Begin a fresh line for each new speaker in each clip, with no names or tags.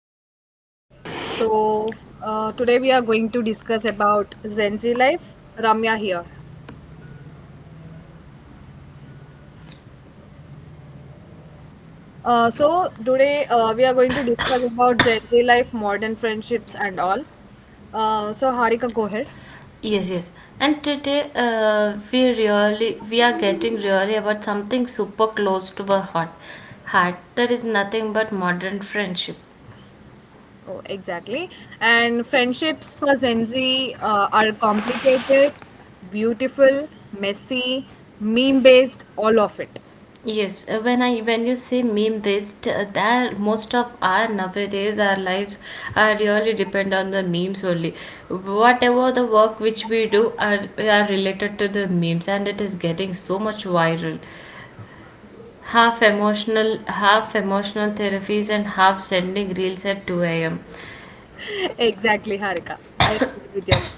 back to our podcast. So today we are going to discuss about Gen Z life. Ramya here. So today we are going to discuss about Gen Z life, modern friendships, and all. So Harika, go ahead.
Yes, yes. And today we are getting really about something super close to our heart. Heart that is nothing but modern friendship.
Oh, exactly. And friendships for Zenzi are complicated, beautiful, messy, meme-based, all of it.
Yes, when I when you say meme based, that most of our nowadays our lives are really depend on the memes only. Whatever the work which we do are related to the memes, and it is getting so much viral. Half emotional therapies and half sending reels at 2 a.m.
Exactly, Harika. I agree with your point.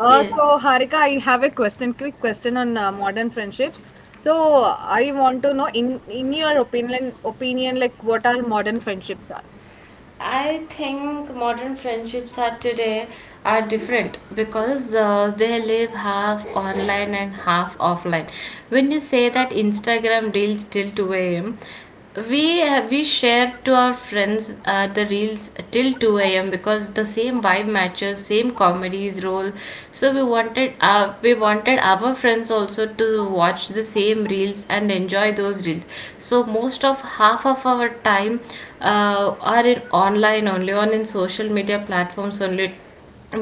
So,
Yes,
Harika, I have a question, quick question on modern friendships. So, I want to know in your opinion, like what are modern friendships are?
I think modern friendships are different because they live half online and half offline. When you say that Instagram reels till 2 a.m., we have we shared to our friends the reels till 2 a.m am because the same vibe matches, same comedies role. So we wanted, our friends also to watch the same reels and enjoy those reels. So most of half of our time, are in online only on in social media platforms only,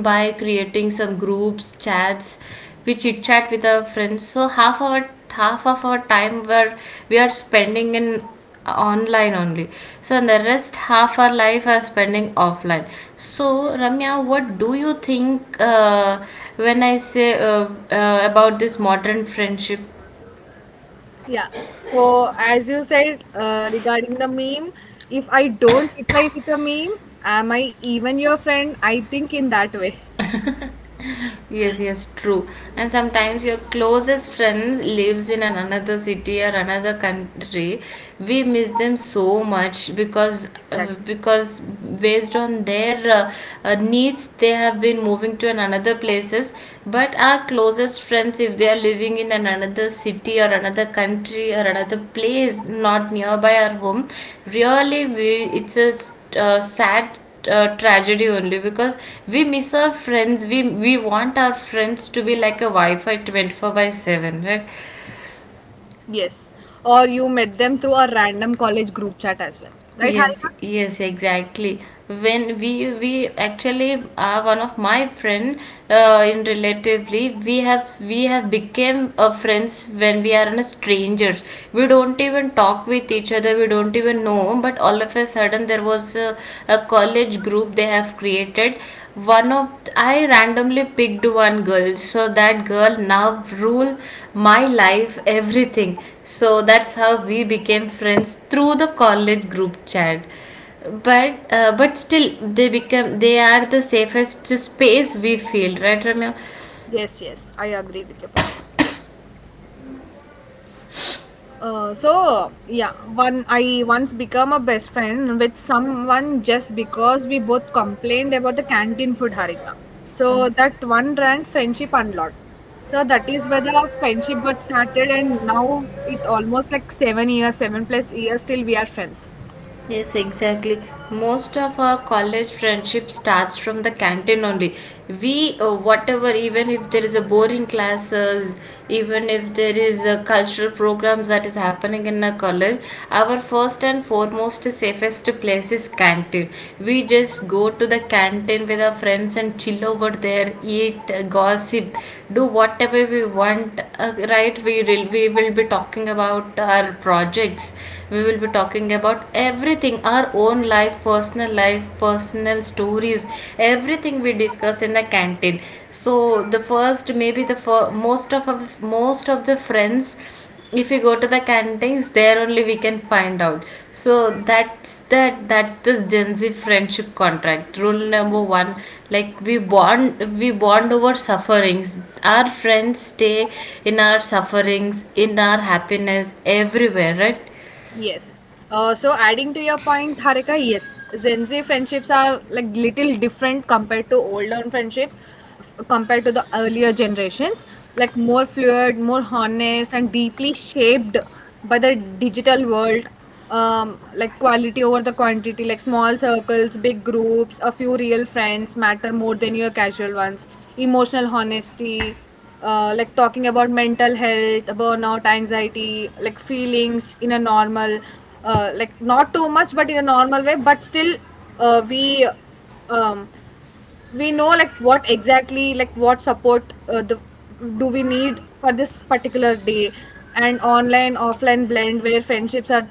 by creating some groups chats we chit chat with our friends. So half our half of our time where we are spending in online only, so the rest half our life are spending offline. So, Ramya, what do you think, when I say, about this modern friendship?
Yeah. So, as you said regarding the meme, if I don't reply with a meme, am I even your friend? I think in that way.
Yes, yes, true. And sometimes your closest friends lives in an another city or another country. We miss them so much because,
Exactly.
based on their, needs, they have been moving to an another places. But our closest friends, if they are living in an another city or another country or another place not nearby our home, really, we it's a, sad, tragedy only because we miss our friends. We want our friends to be like a wi-fi 24/7, right?
Yes. Or you met them through a random college group chat as well, right,
Yes,
Harika?
yes, exactly. When we actually are one of my friend, in relatively we have became a friends when we are in a strangers. We don't even talk with each other. We don't even know. But all of a sudden there was a college group they have created. One of I randomly picked one girl. So that girl now rule my life everything. So that's how we became friends through the college group chat. But, still, they become they are the safest space we feel, right, Ramya?
Yes, yes, I agree with your point. So yeah, one I once become a best friend with someone just because we both complained about the canteen food, harika. So
Um,
that one ran friendship unlocked. So that is where the friendship got started, and now it almost like 7 years, 7 plus years till we are friends.
Yes, exactly. Most of our college friendship starts from the canteen only. Whatever, even if there is a boring classes, even if there is a cultural programs that is happening in a college, our first and foremost safest place is canteen. We just go to the canteen with our friends and chill over there, eat, gossip, do whatever we want. Right? We will, be talking about our projects. We will be talking, about everything our own life, personal stories, everything we discuss in the canteen. So the first, maybe the fir- most of most of the friends, if you go to the canteens, there only we can find out. So that's, that's the Gen Z friendship contract rule number one. Like we bond, over sufferings. Our friends stay in our sufferings, in our happiness, everywhere, right?
Yes. So adding to your point, Harika, yes, Gen Z friendships are like little different compared to older friendships, compared to the earlier generations. Like more fluid, more honest, and deeply shaped by the digital world, like quality over the quantity, like small circles, big groups, a few real friends matter more than your casual ones. Emotional honesty, like talking about mental health, burnout, anxiety, like feelings in a normal, like not too much, but in a normal way. But still uh, we um, we know like what exactly, like what support uh, the, do we need for this particular day. And online offline blend where friendships are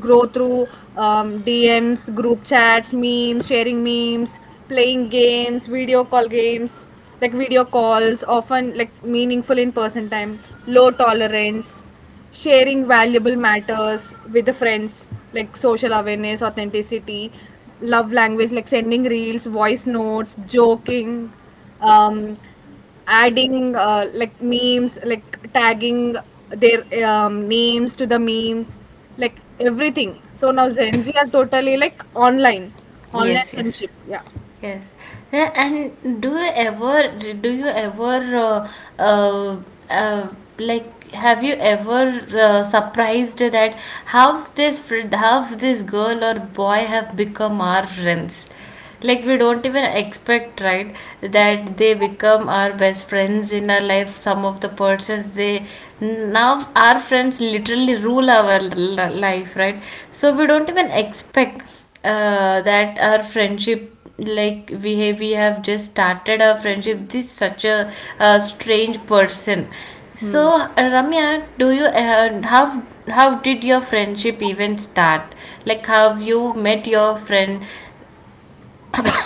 grow through DMs, group chats, memes, sharing memes, playing games, video call games, like video calls, often like meaningful in person time, low tolerance, sharing valuable matters with the friends, like social awareness, authenticity, love language, like sending reels, voice notes, joking, um, adding like memes, like tagging their names to the memes, like everything. So now Gen Z are totally like online, online
Yes, yes.
friendship.
Yes. Yeah, and do you ever, uh, uh, like, have you ever, surprised that how this friend, how this girl or boy have become our friends? Like, we don't even expect, right, that they become our best friends in our life. Some of the persons they now our friends literally rule our life, right? So we don't even expect, that our friendship, like we have, just started our friendship this such a, strange person.
Yeah.
So, Ramya, do you how did your friendship even start, like have you met your friend?
Yeah.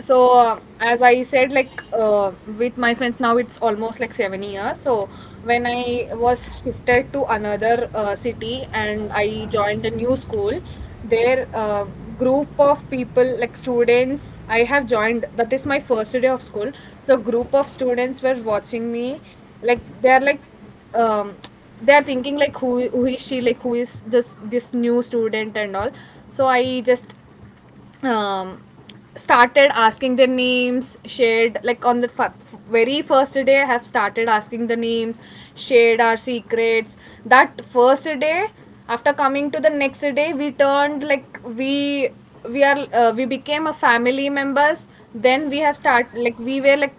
So as I said, like with my friends now, it's almost like 7 years. So when I was shifted to another city and I joined a new school, their group of people, like students, I have joined. That is my first day of school. So group of students were watching me, like they are like, um, they are thinking like who is she, like who is this new student and all. So I just um, started asking their names, shared like on the very first day, I have started asking the names, shared our secrets that first day. After coming to the next day, we turned like we are we became a family members. Then we have start like we were like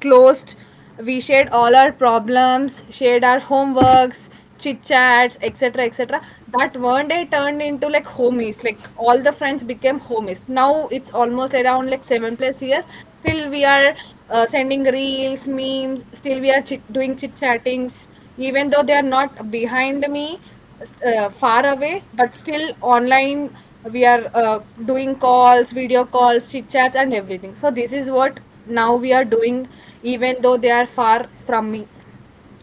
closed. We shared all our problems, shared our homeworks, chit chats, etc. etc. That one day turned into like homies. Like all the friends became homies. Now it's almost around like 7 plus years. Still, we are sending reels, memes. Still, we are doing chit chattings. Even though they are not behind me, far away, but still online, we are doing calls, video calls, chit chats, and everything. So this is what now we are doing, even though they are far from me.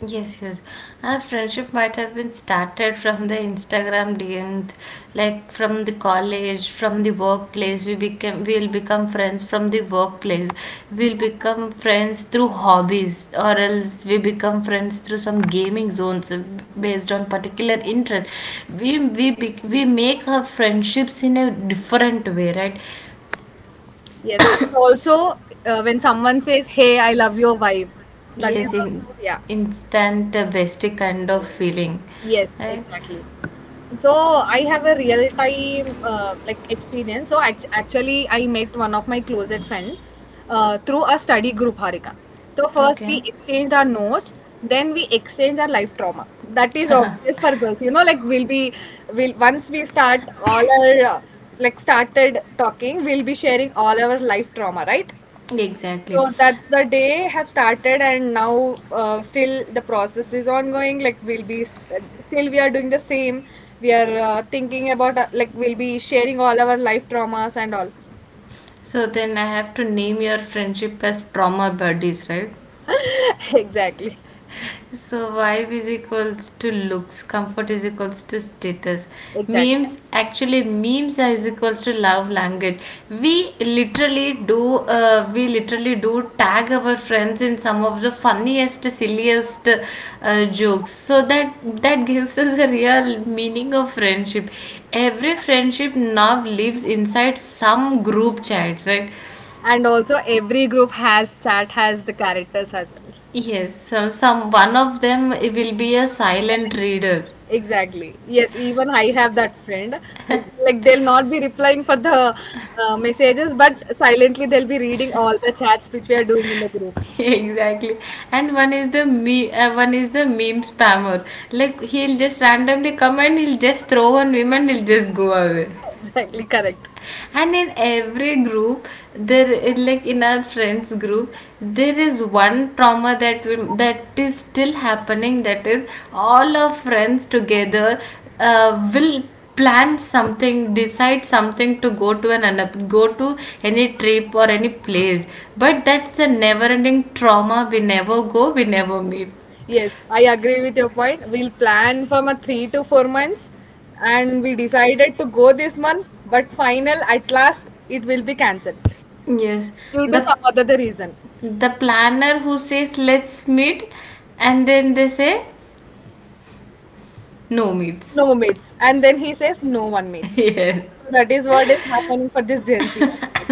Yes, yes. Our friendship might have been started from the Instagram DMs, like from the college, from the workplace. We'll become friends from the workplace. We'll become friends through hobbies, or else we become friends through some gaming zones, based on particular interest. We make our friendships in a different way, right?
Yes, and also when someone says, "Hey, I love your vibe," that is
Yes,
also,
in
yeah.
instant, bestie kind of feeling,
Yes,
right?
exactly. So I have a real time like experience. So actually, I met one of my closet friend through a study group, Harika. So first
Okay.
we exchanged our notes, then we exchanged our life trauma. That is obvious for girls, you know. Like we'll be, will once we start all our like started talking, we'll be sharing all our life trauma, right?
Exactly.
So that's the day have started, and now still the process is ongoing. Like we'll be still we are doing the same. We are thinking about like we'll be sharing all our life traumas and all.
So then I have to name your friendship as trauma buddies, right?
Exactly,
So vibe is equals to looks, comfort is equals to status.
exactly.
Memes, actually memes are is equals to love language. We literally do, tag our friends in some of the funniest, silliest, jokes. So that, gives us a real meaning of friendship. Every friendship now lives inside some group chats, right?
And also every group has chat has the characters as well.
Yes, so some one of them will be a silent
Silent.
reader.
Exactly. Yes, even I have that friend. Like they'll not be replying for the messages, but silently they'll be reading all the chats which we are doing in the group.
Exactly. And one is the meme spammer. Like he'll just randomly come and he'll just throw one meme and he'll just go away.
Exactly correct.
And in every group, there like in our friends group, there is one trauma that that is still happening, that is all our friends together, will plan something, decide something to go to any trip or any place. But that's a never ending trauma. We never go, we never meet.
Yes, I agree with your point. We'll plan from a 3 to 4 months, and we decided to go this month, but final at last it will be cancelled
Yes,
due to
the,
some other reason.
planner who says let's meet, and then they say no meets.
No mates, and then he says no one mates.
Yes.
So that is what is happening for this Gen Z, actually.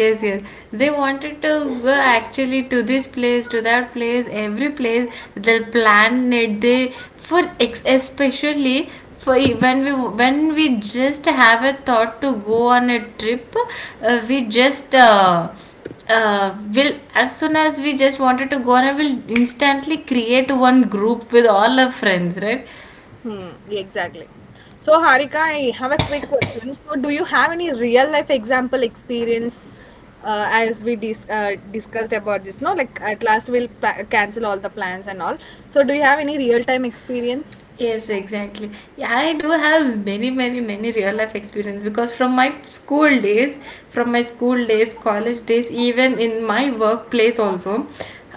Yes, yes. They wanted to go, actually, to this place, to that place, every place they'll plan it. Especially when we, just have a thought to go on a trip. Uh, we just uh, uh, will as soon as we just wanted to go on, I will instantly create one group with all our friends, right?
Hmm, exactly. So, Harika, I have a quick question. So, do you have any real life example experience as we discussed about this? No, like at last we'll pla cancel all the plans and all. So, do you have any real time experience?
Yes, exactly. Yeah, I do have many, many, many real life experience because from my school days, college days, even in my workplace also,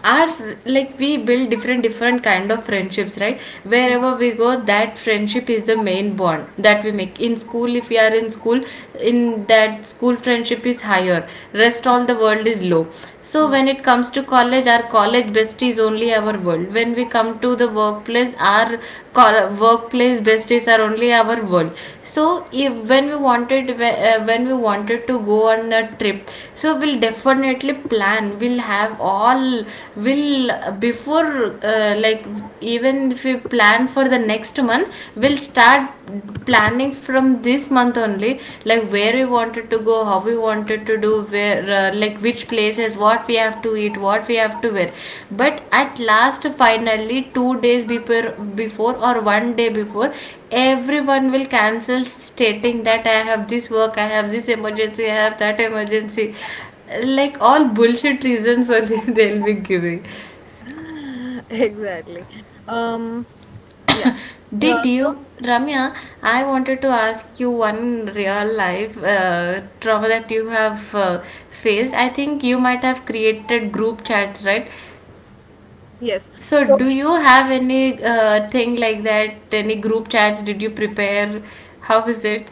our like we build different kind of friendships, right? Wherever we go, that friendship is the main bond that we make. In school, if we are in school, in that school friendship is higher, rest all the world is low. So when it comes to college, our college besties only our world. When we come to the workplace, our, workplace besties are only our world. So, if when we wanted whe- when we wanted to go on a trip, so we'll definitely plan, we'll have all will before like, even if we plan for the next month, we'll start planning from this month only, like where we wanted to go, how we wanted to do, where like which places, what we have to eat, what we have to wear. But at last, finally, 2 days before, or 1 day before, everyone will cancel, stating that I have this work, I have this emergency, I have that emergency, like all bullshit reasons only, they'll be giving.
Exactly. Um, yeah.
Did
So,
you, Ramya? I wanted to ask you one real life, trauma that you have, faced. I think you might have created group chats, right?
yes.
So,
So,
do you have any, thing like that? Any group chats? Did you prepare? How is it?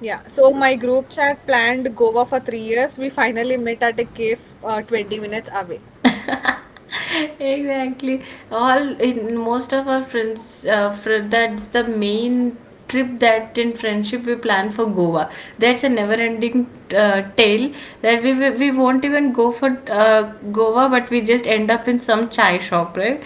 yeah. So, my group chat planned Goa for 3 years. We finally met at a cave 20 minutes away.
Exactly. all In most of our friends, that's the main trip that in friendship we plan for Goa. That's a never ending, tale that we won't even go for, uh, Goa, but we just end up in some chai shop, right?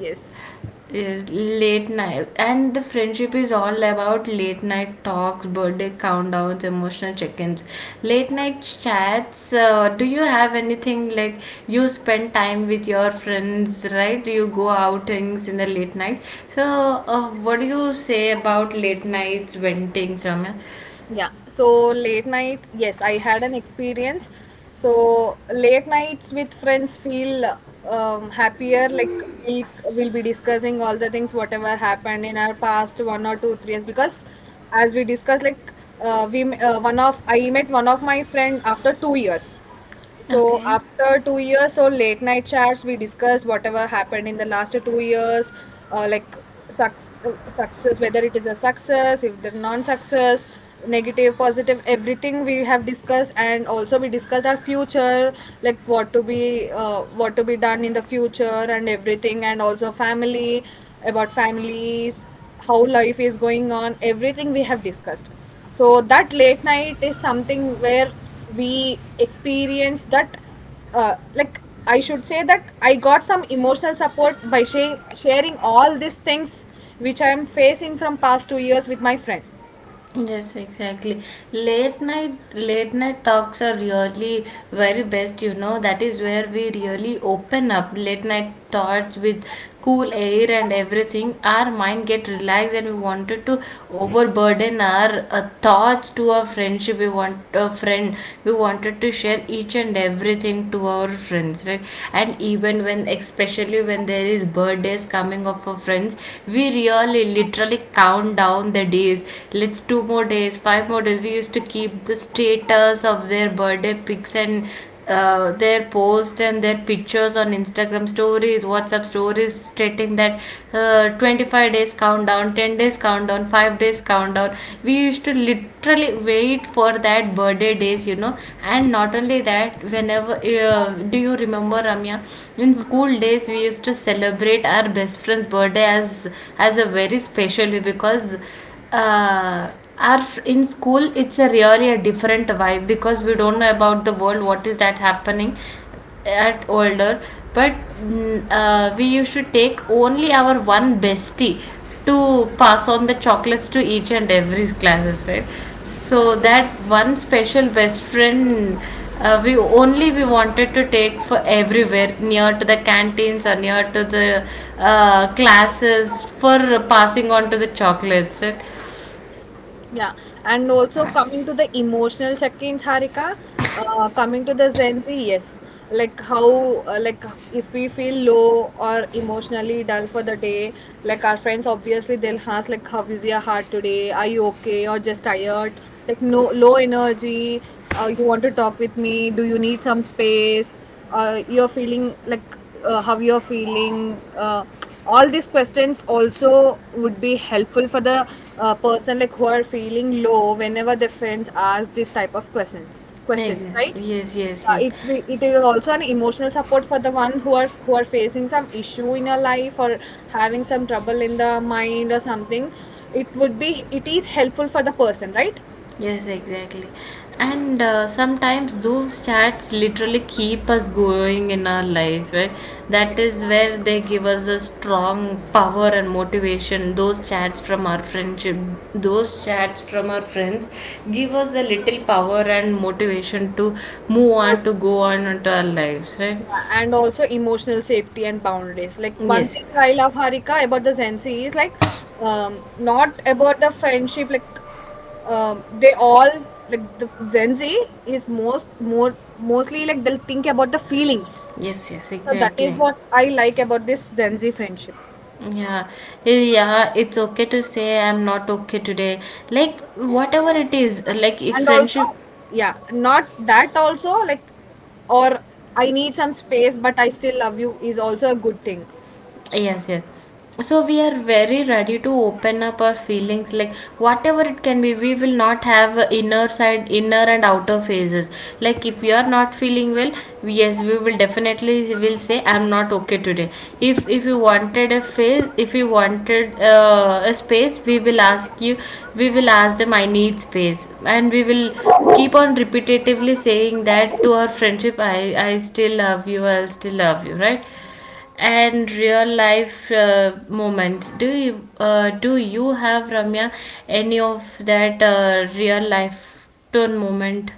Yes.
Yes, late night. And the friendship is all about late night talks, birthday countdowns, emotional check-ins, late night chats. Do you have anything like you spend time with your friends, right? You go outings in the late night. So, what do you say about late nights, ventings, Ramya?
Yeah. So late night, yes, I had an experience. So late nights with friends feel happier. Like we will be discussing all the things whatever happened in our past 1 or 2 3 years, because as we discussed, like we m- one of I met one of my friend after 2 years. So
Okay.
after 2 years, so late night chats, we discussed whatever happened in the last 2 years, like success, success, whether it is a success, if they're non-success, negative, positive, everything we have discussed. And also we discussed our future, like what to be done in the future, and everything, and also family, about families, how life is going on, everything we have discussed. So that late night is something where we experience that, like I should say that I got some emotional support by sharing all these things which I am facing from past 2 years with my friend. Yeah.
Yes, exactly. Late night, talks are really very best. That is where we really open up late night thoughts with cool air and everything. Our mind get relaxed and we wanted to overburden our, thoughts to our friendship. We want a friend. We wanted to share each and everything to our friends, right? And even when especially when there is birthdays coming up for friends, we really literally count down the days. Let's, two more days, five more days, we used to keep the status of their birthday pics and their posts and their pictures on Instagram stories, WhatsApp stories stating that 25 days countdown, 10 days countdown, 5 days countdown. We used to literally wait for that birthday days. And not only that, whenever uh, do you remember, Ramya, in school days we used to celebrate our best friend's birthday as a very special day because uh, in school it's a really a different vibe because we don't know about the world what is that happening at older. But we used to take only our one bestie to pass on the chocolates to each and every classes, right? So that one special best friend, we wanted to take for everywhere, near to the canteens or near to the classes for passing on to the chocolates, right?
Yeah, and also coming to the emotional check-ins, Harika, coming to the Gen Z, yes, like how, like if we feel low or emotionally dull for the day, like our friends obviously they'll ask like, "How is your heart today? Are you okay or just tired?" Like no low energy, you want to talk with me, do you need some space, you're feeling like, how you're feeling, all these questions also would be helpful for the person like who are feeling low whenever their friends ask this type of questions, right.
Exactly. Yes, yes, yes.
It will, it is also an emotional support for the one who are, who are facing some issue in your life or having some trouble in the mind or something. It would be, it is helpful for the person, right.
Yes, exactly. And sometimes those chats literally keep us going in our life, right? That is where they give us a strong power and motivation. Those chats from our friendship, those chats from our friends give us a little power and motivation to move on, to go on into our lives, right?
Yeah, and also emotional safety and boundaries. Like one
Yes,
thing I love, Harika, about the Zensi is like not about the friendship, like they all like the Zenzi is most more mostly like they'll think about the feelings.
yes, yes,
So that is
exactly.
what I like about this Zenzi friendship.
Yeah. Hey, yeah, it's okay to say I'm not okay today. Like, whatever it is, like, if
And
friendship.
also yeah, not that also like, or I need some space but I still love you is also a good thing.
Yes, yes. So we are very ready to open up our feelings, like whatever it can be. We will not have a inner side, inner and outer phases. Like if we are not feeling well, yes, we will definitely will say I'm not okay today. If you wanted a phase, if you wanted a space, we will ask you. We will ask them I need space, and we will keep on repetitively saying that to our friendship. I still love you. I'll still love you. Right. And real life moments. Do you have, Ramya, any of that real life turn moment?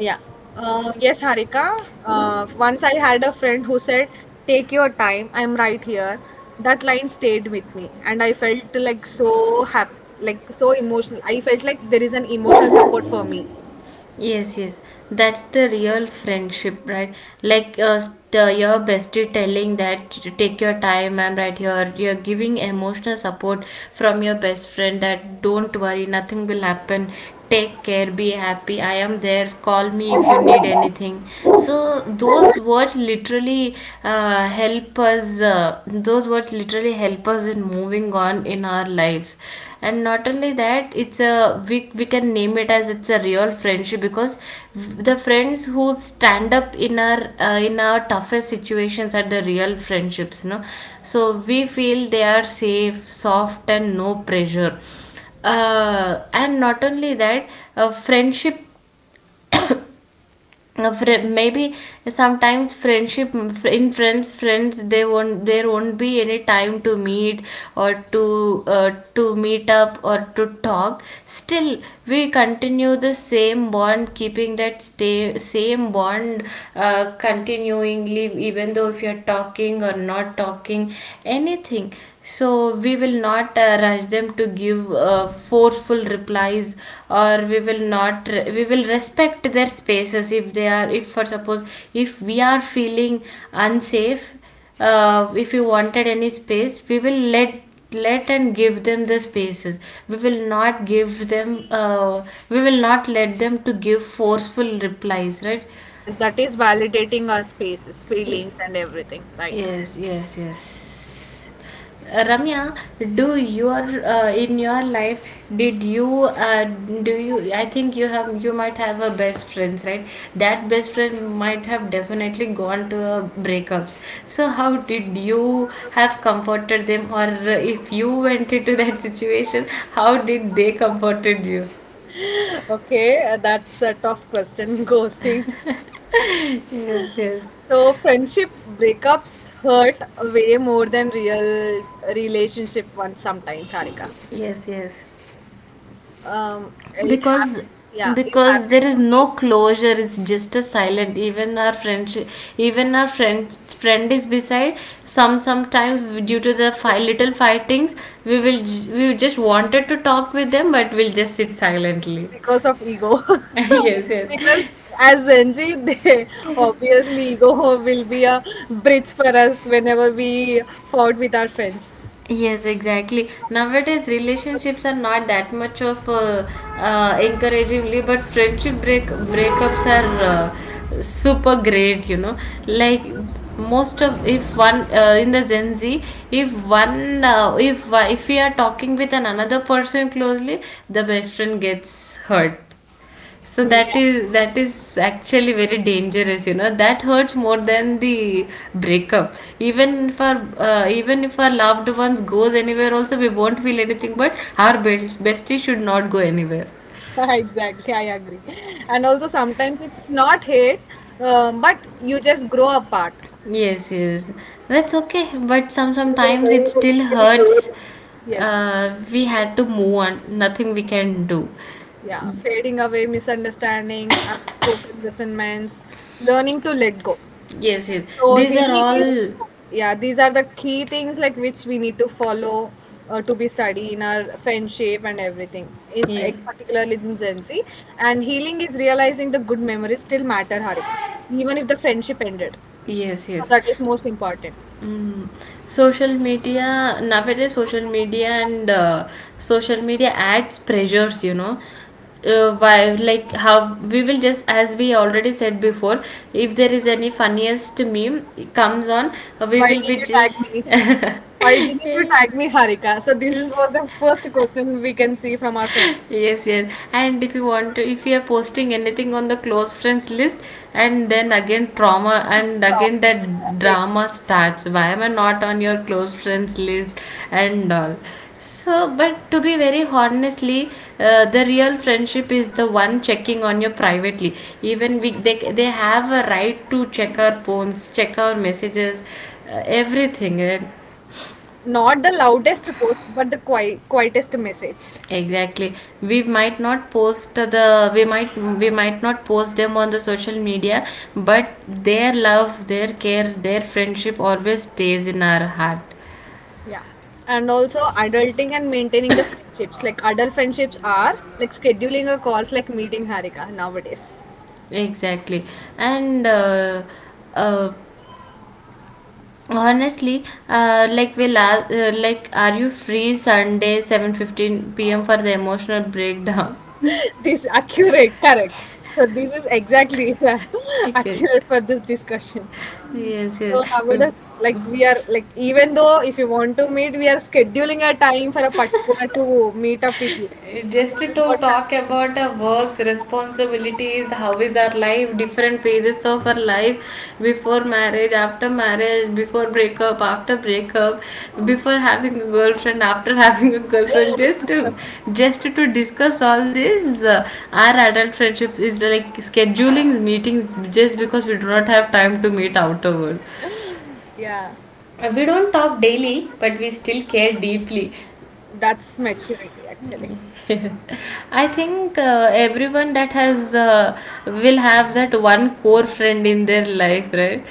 Yeah. Yes, Harika. Once I had a friend who said, take your time, I'm right here. That line stayed with me, and I felt like so happy, like so emotional. I felt like there is an emotional support for me.
Yes, yes, that's the real friendship, right? Like the, your bestie telling that to take your time, I'm right here. You're giving emotional support from your best friend that don't worry, nothing will happen. Take care, be happy. I am there. Call me if you need anything. So those words literally help us. Those words literally help us in moving on in our lives. And not only that, it's a we can name it as it's a real friendship because the friends who stand up in our toughest situations are the real friendships, no. So we feel they are safe, soft and no pressure. And not only that, friendship, a fri maybe sometimes friendship, in friends, friends they won't there won't be any time to meet or to meet up or to talk. Still we continue the same bond, keeping that stay, same bond continuingly, even though if you're talking or not talking anything. So we will not rush them to give forceful replies, or we will not. We will respect their spaces if they are. If for suppose, if we are feeling unsafe, if you wanted any space, we will let and give them the spaces. We will not give them we will not let them to give forceful replies, right?
Yes, that is validating our spaces, feelings, and everything, right?
Yes, yes, yes. Ramya, do your in your life did you do you, I think you have, you might have a best friends, right? That best friend might have definitely gone to breakups. So how did you have comforted them or if you went into that situation, how did they comforted you?
Okay, that's a tough question, ghosting.
Yes, yes,
So, friendship breakups hurt way more than real relationship ones sometimes, Harika.
yes, yes.
It
because
happened. Yeah, it
because there
happened to
is no
me
closure, it's just a silent. Even our friendship, even our friend, friend is beside. Sometimes due to the little fightings, we will we just wanted to talk with them but we'll just sit silently.
because of ego.
Yes, yes.
Because as Gen Z, they, obviously ego will be a bridge for us whenever we fought with our friends.
Yes, exactly. Nowadays, relationships are not that much of encouragingly, but friendship breakups are super great. You know, like, most of, if one in the Gen Z, if one if we are talking with an another person closely, the best friend gets hurt. So
Yeah,
that is, that is actually very dangerous, you know. That hurts more than the breakup. Even if our loved ones goes anywhere, also we won't feel anything. But our best bestie should not go anywhere.
exactly. I agree. And also sometimes it's not hate, but you just grow apart.
Yes, yes, that's okay. But sometimes it still hurts.
Yes.
We had to move on. Nothing we can do.
Yeah. Fading away misunderstandings, unspoken resentments, learning to let go.
Yes, yes.
So
These are
really, these
all.
yeah, these are the key things like which we need to follow to be study in our friendship and everything. In
Yeah.
particularly in Gen Z, and healing is realizing the good memories still matter, Harika, even if the friendship ended.
Yes,
So
yes.
that is most important.
Mm. Social media nowadays, social media and social media adds pressures, you know. Why, like how we will just as we already said before, if there is any funniest meme comes on, we
Why
will
did
be
you tag
just.
me? Why didn't you tag me, Harika? So this is was the first question we can see from our friend.
Yes, yes. And if you want to, if you are posting anything on the close friends list, and then again trauma and
So,
again that
exactly.
drama starts, why am I not on your close friends list and all. So but to be very honestly, the real friendship is the one checking on you privately. Even we, they have a right to check our phones, check our messages, everything, right?
Not the loudest post, but the quietest message.
Exactly. We might, we might not post them on the social media, but their love, their care, their friendship always stays in our heart.
Yeah. And also adulting and maintaining the friendships. Like adult friendships are like scheduling a calls like meeting, Harika, nowadays.
Exactly. And uh, honestly, like we like are you free Sunday 7:15 p.m. for the emotional breakdown?
This accurate, correct. So this is exactly
Okay.
accurate for this discussion.
Yes, yes.
So nowadays like we are like, even though if you want to meet, we are scheduling a time for a particular to meet up with you. So
Just to
this is what happened.
talk about our works, responsibilities, how is our life, different phases of our life, before marriage, after marriage, before breakup, after breakup, before having a girlfriend, after having a girlfriend. Just to discuss all this, our adult friendship is like scheduling meetings just because we do not have time to meet afterward.
Yeah.
We don't talk daily, but we still care deeply.
That's maturity actually.
I think everyone that has will have that one core friend in their life, right?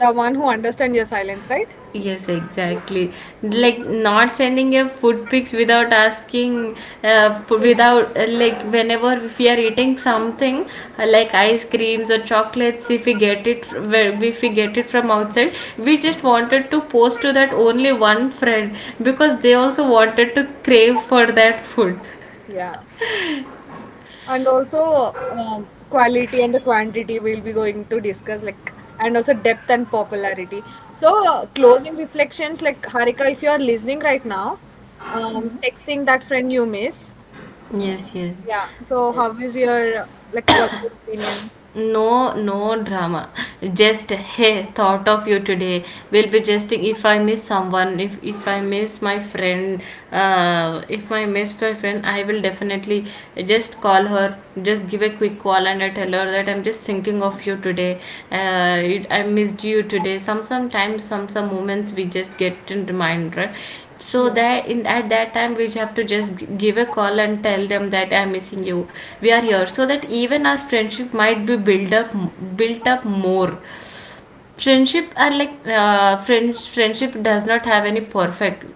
The one who understands your silence, right?
Yes, exactly. Like not sending your food pics without asking, fo-
So,
without like whenever if we are eating something like ice creams or chocolates, if we get it if we get it from outside, we just wanted to post to that only one friend because they also wanted to crave for that food.
yeah. And also quality and the quantity we'll be going to discuss, like, and also depth and popularity. So closing reflections, like, Harika, if you're listening right now, texting that friend you miss,
Yes, yes.
yeah. So how is your, like what's your opinion?
No, no drama. Just hey, thought of you today. Will be just, if I miss someone, if I miss my friend, if I miss my friend, I will definitely just call her. Just give a quick call and I tell her that I'm just thinking of you today. I missed you today. Some sometimes, some moments we just get in reminder. So
Yeah,
that, in at that time, we have to just give a call and tell them that I'm missing you. We are here. So that even our friendship might be built up more. Friendship are like friends. Friendship does not have any perfect.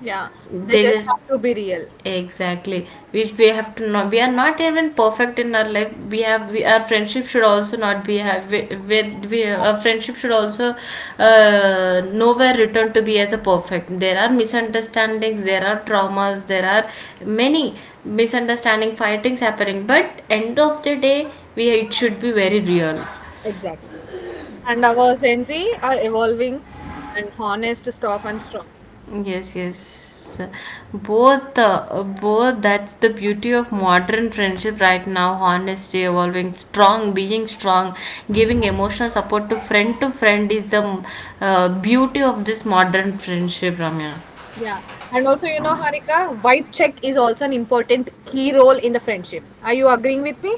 yeah, they
They
just
just.
have to be real,
Exactly, which we have to know. We are not even perfect in our life. Our friendship should also not be have we, our friendship should also nowhere return to be as a perfect. There are misunderstandings, there are traumas, there are many misunderstanding, fightings happening. But end of the day, we it should be very real.
exactly. And our Gen Z are evolving and honest, tough and strong.
Yes, yes. Both, both. That's the beauty of modern friendship right now. Honesty, evolving, strong, being strong, giving emotional support to friend is the beauty of this modern friendship, Ramya.
Yeah. And also, you know, Harika, vibe check is also an important key role in the friendship. Are you agreeing with me?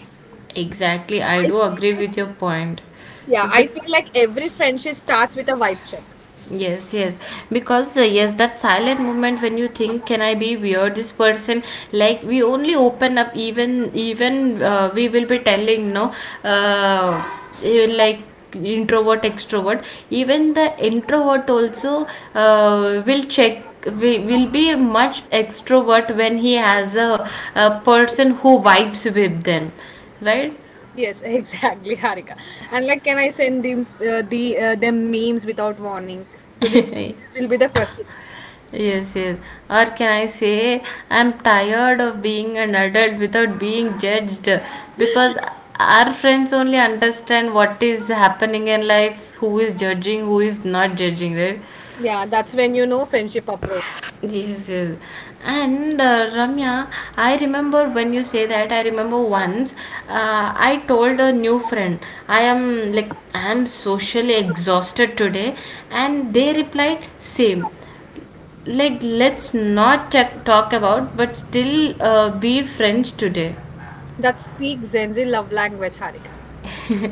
Exactly, I
I
do
feel
agree
like,
with your point.
yeah,
So,
I feel like every friendship starts with a vibe check.
Yes, yes, because yes, that silent moment when you think, can I be weird? This person, like we only open up, even we will be telling no, uh, like introvert, extrovert. Even the introvert also will check. We will be much extrovert when he has a person who vibes with them, right?
Yes, exactly, Harika. And like, can I send them them memes without warning? So this, this will be the question.
Yes, yes. Or can I say, I'm tired of being an adult without being judged, because our friends only understand what is happening in life, who is judging, who is not judging, right?
Yeah, that's when you know friendship approach.
Yes, yes. And Ramya, I remember when you say that, I remember once I told a new friend, I am like, I am socially exhausted today, and they replied, same. Like let's not talk about but still be friends today.
That speaks Zenzi love language, Harika.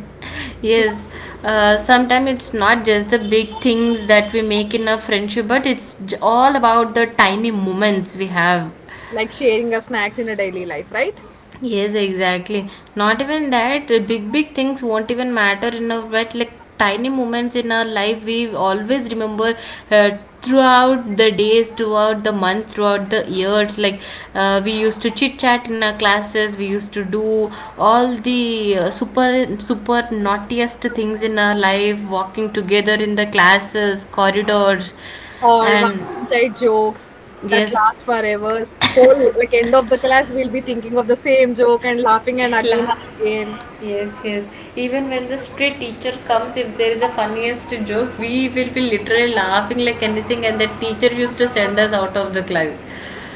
Yes. Uh, sometimes it's not just the big things that we make in a friendship but it's all about the tiny moments we have.
Like sharing a snacks in a daily life, right?
Yes, exactly. Not even that big big things won't even matter in a, but like tiny moments in our life we always remember throughout the days, throughout the month, throughout the years. Like we used to chit chat in our classes, we used to do all the super super naughtiest things in our life, walking together in the classes, corridors,
Or one
and
inside jokes that
yes,
last forever. Whole like end of the class, we'll be thinking of the same joke and laughing and again
class.
and again.
Yes, yes. Even when the street teacher comes, if there is a funniest joke, we will be literally laughing like anything, and the teacher used to send us out of the class.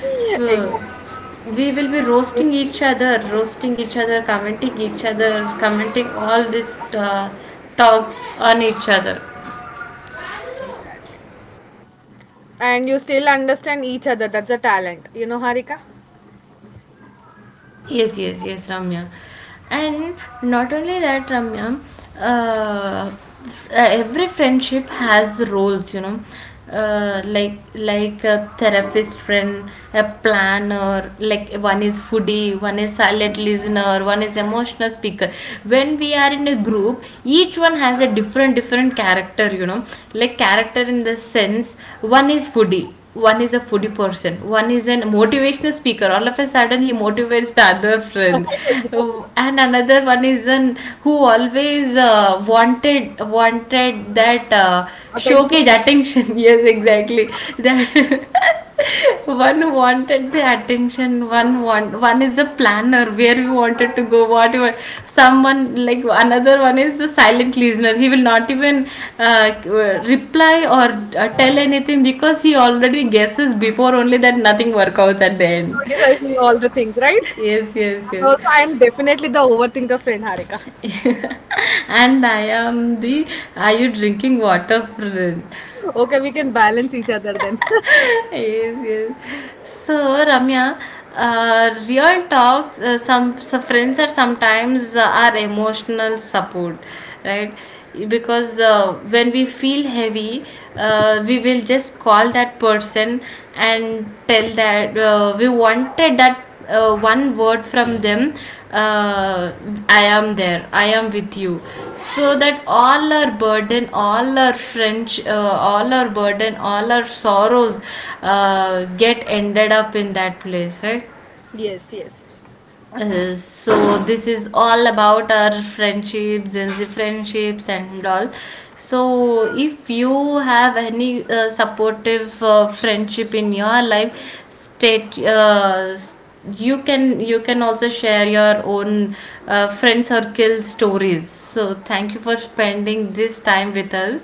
So
Exactly,
we will be roasting each other, commenting all these talks on each other.
exactly. And you still understand each other. That's a talent, you know, Harika.
Yes, yes, yes, Ramya. And not only that, Ramya, every friendship has roles, you know, like a therapist friend, a planner, like one is foodie, one is silent listener, one is emotional speaker. When we are in a group, each one has a different different character, you know, like character in the sense, one is a foodie person, one is an motivational speaker. All of a sudden, he motivates the other friend,
Exactly.
and another one is an who always wanted that
Attention.
showcase attention. Yes, exactly that. One wanted the attention, one is a planner where we wanted to go whatever. Someone, like another one is the silent listener, he will not even uh, reply or tell anything because he already guesses before only that nothing work out at the
He's
end.
criticizing all the things, right?
Yes, yes,
And also,
yes.
I'm definitely the overthinker friend, Harika.
And I am the, are you drinking water friend.
Okay, we can balance each other then.
Yes, yes. So, Ramya, real talks, some friends are sometimes our emotional support, right? Because when we feel heavy, we will just call that person and tell that we wanted that one word from them, uh, I am there, I am with you. So that all our burden, all our french, all our burden, all our sorrows get ended up in that place, right?
Yes, yes.
Uh, so this is all about our friendships and the friendships and all. So if you have any supportive friendship in your life, state you can, you can also share your own friend circle stories. So thank you for spending this time with us.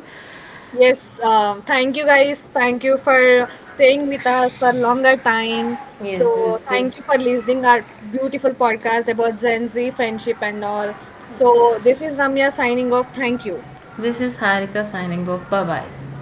Yes, thank you guys. Thank you for staying with us for longer time.
Yes,
So
this
thank
is,
you for listening our beautiful podcast about Gen Z friendship and all. So this is Ramya signing off. Thank you.
this is Harika signing off. Bye bye.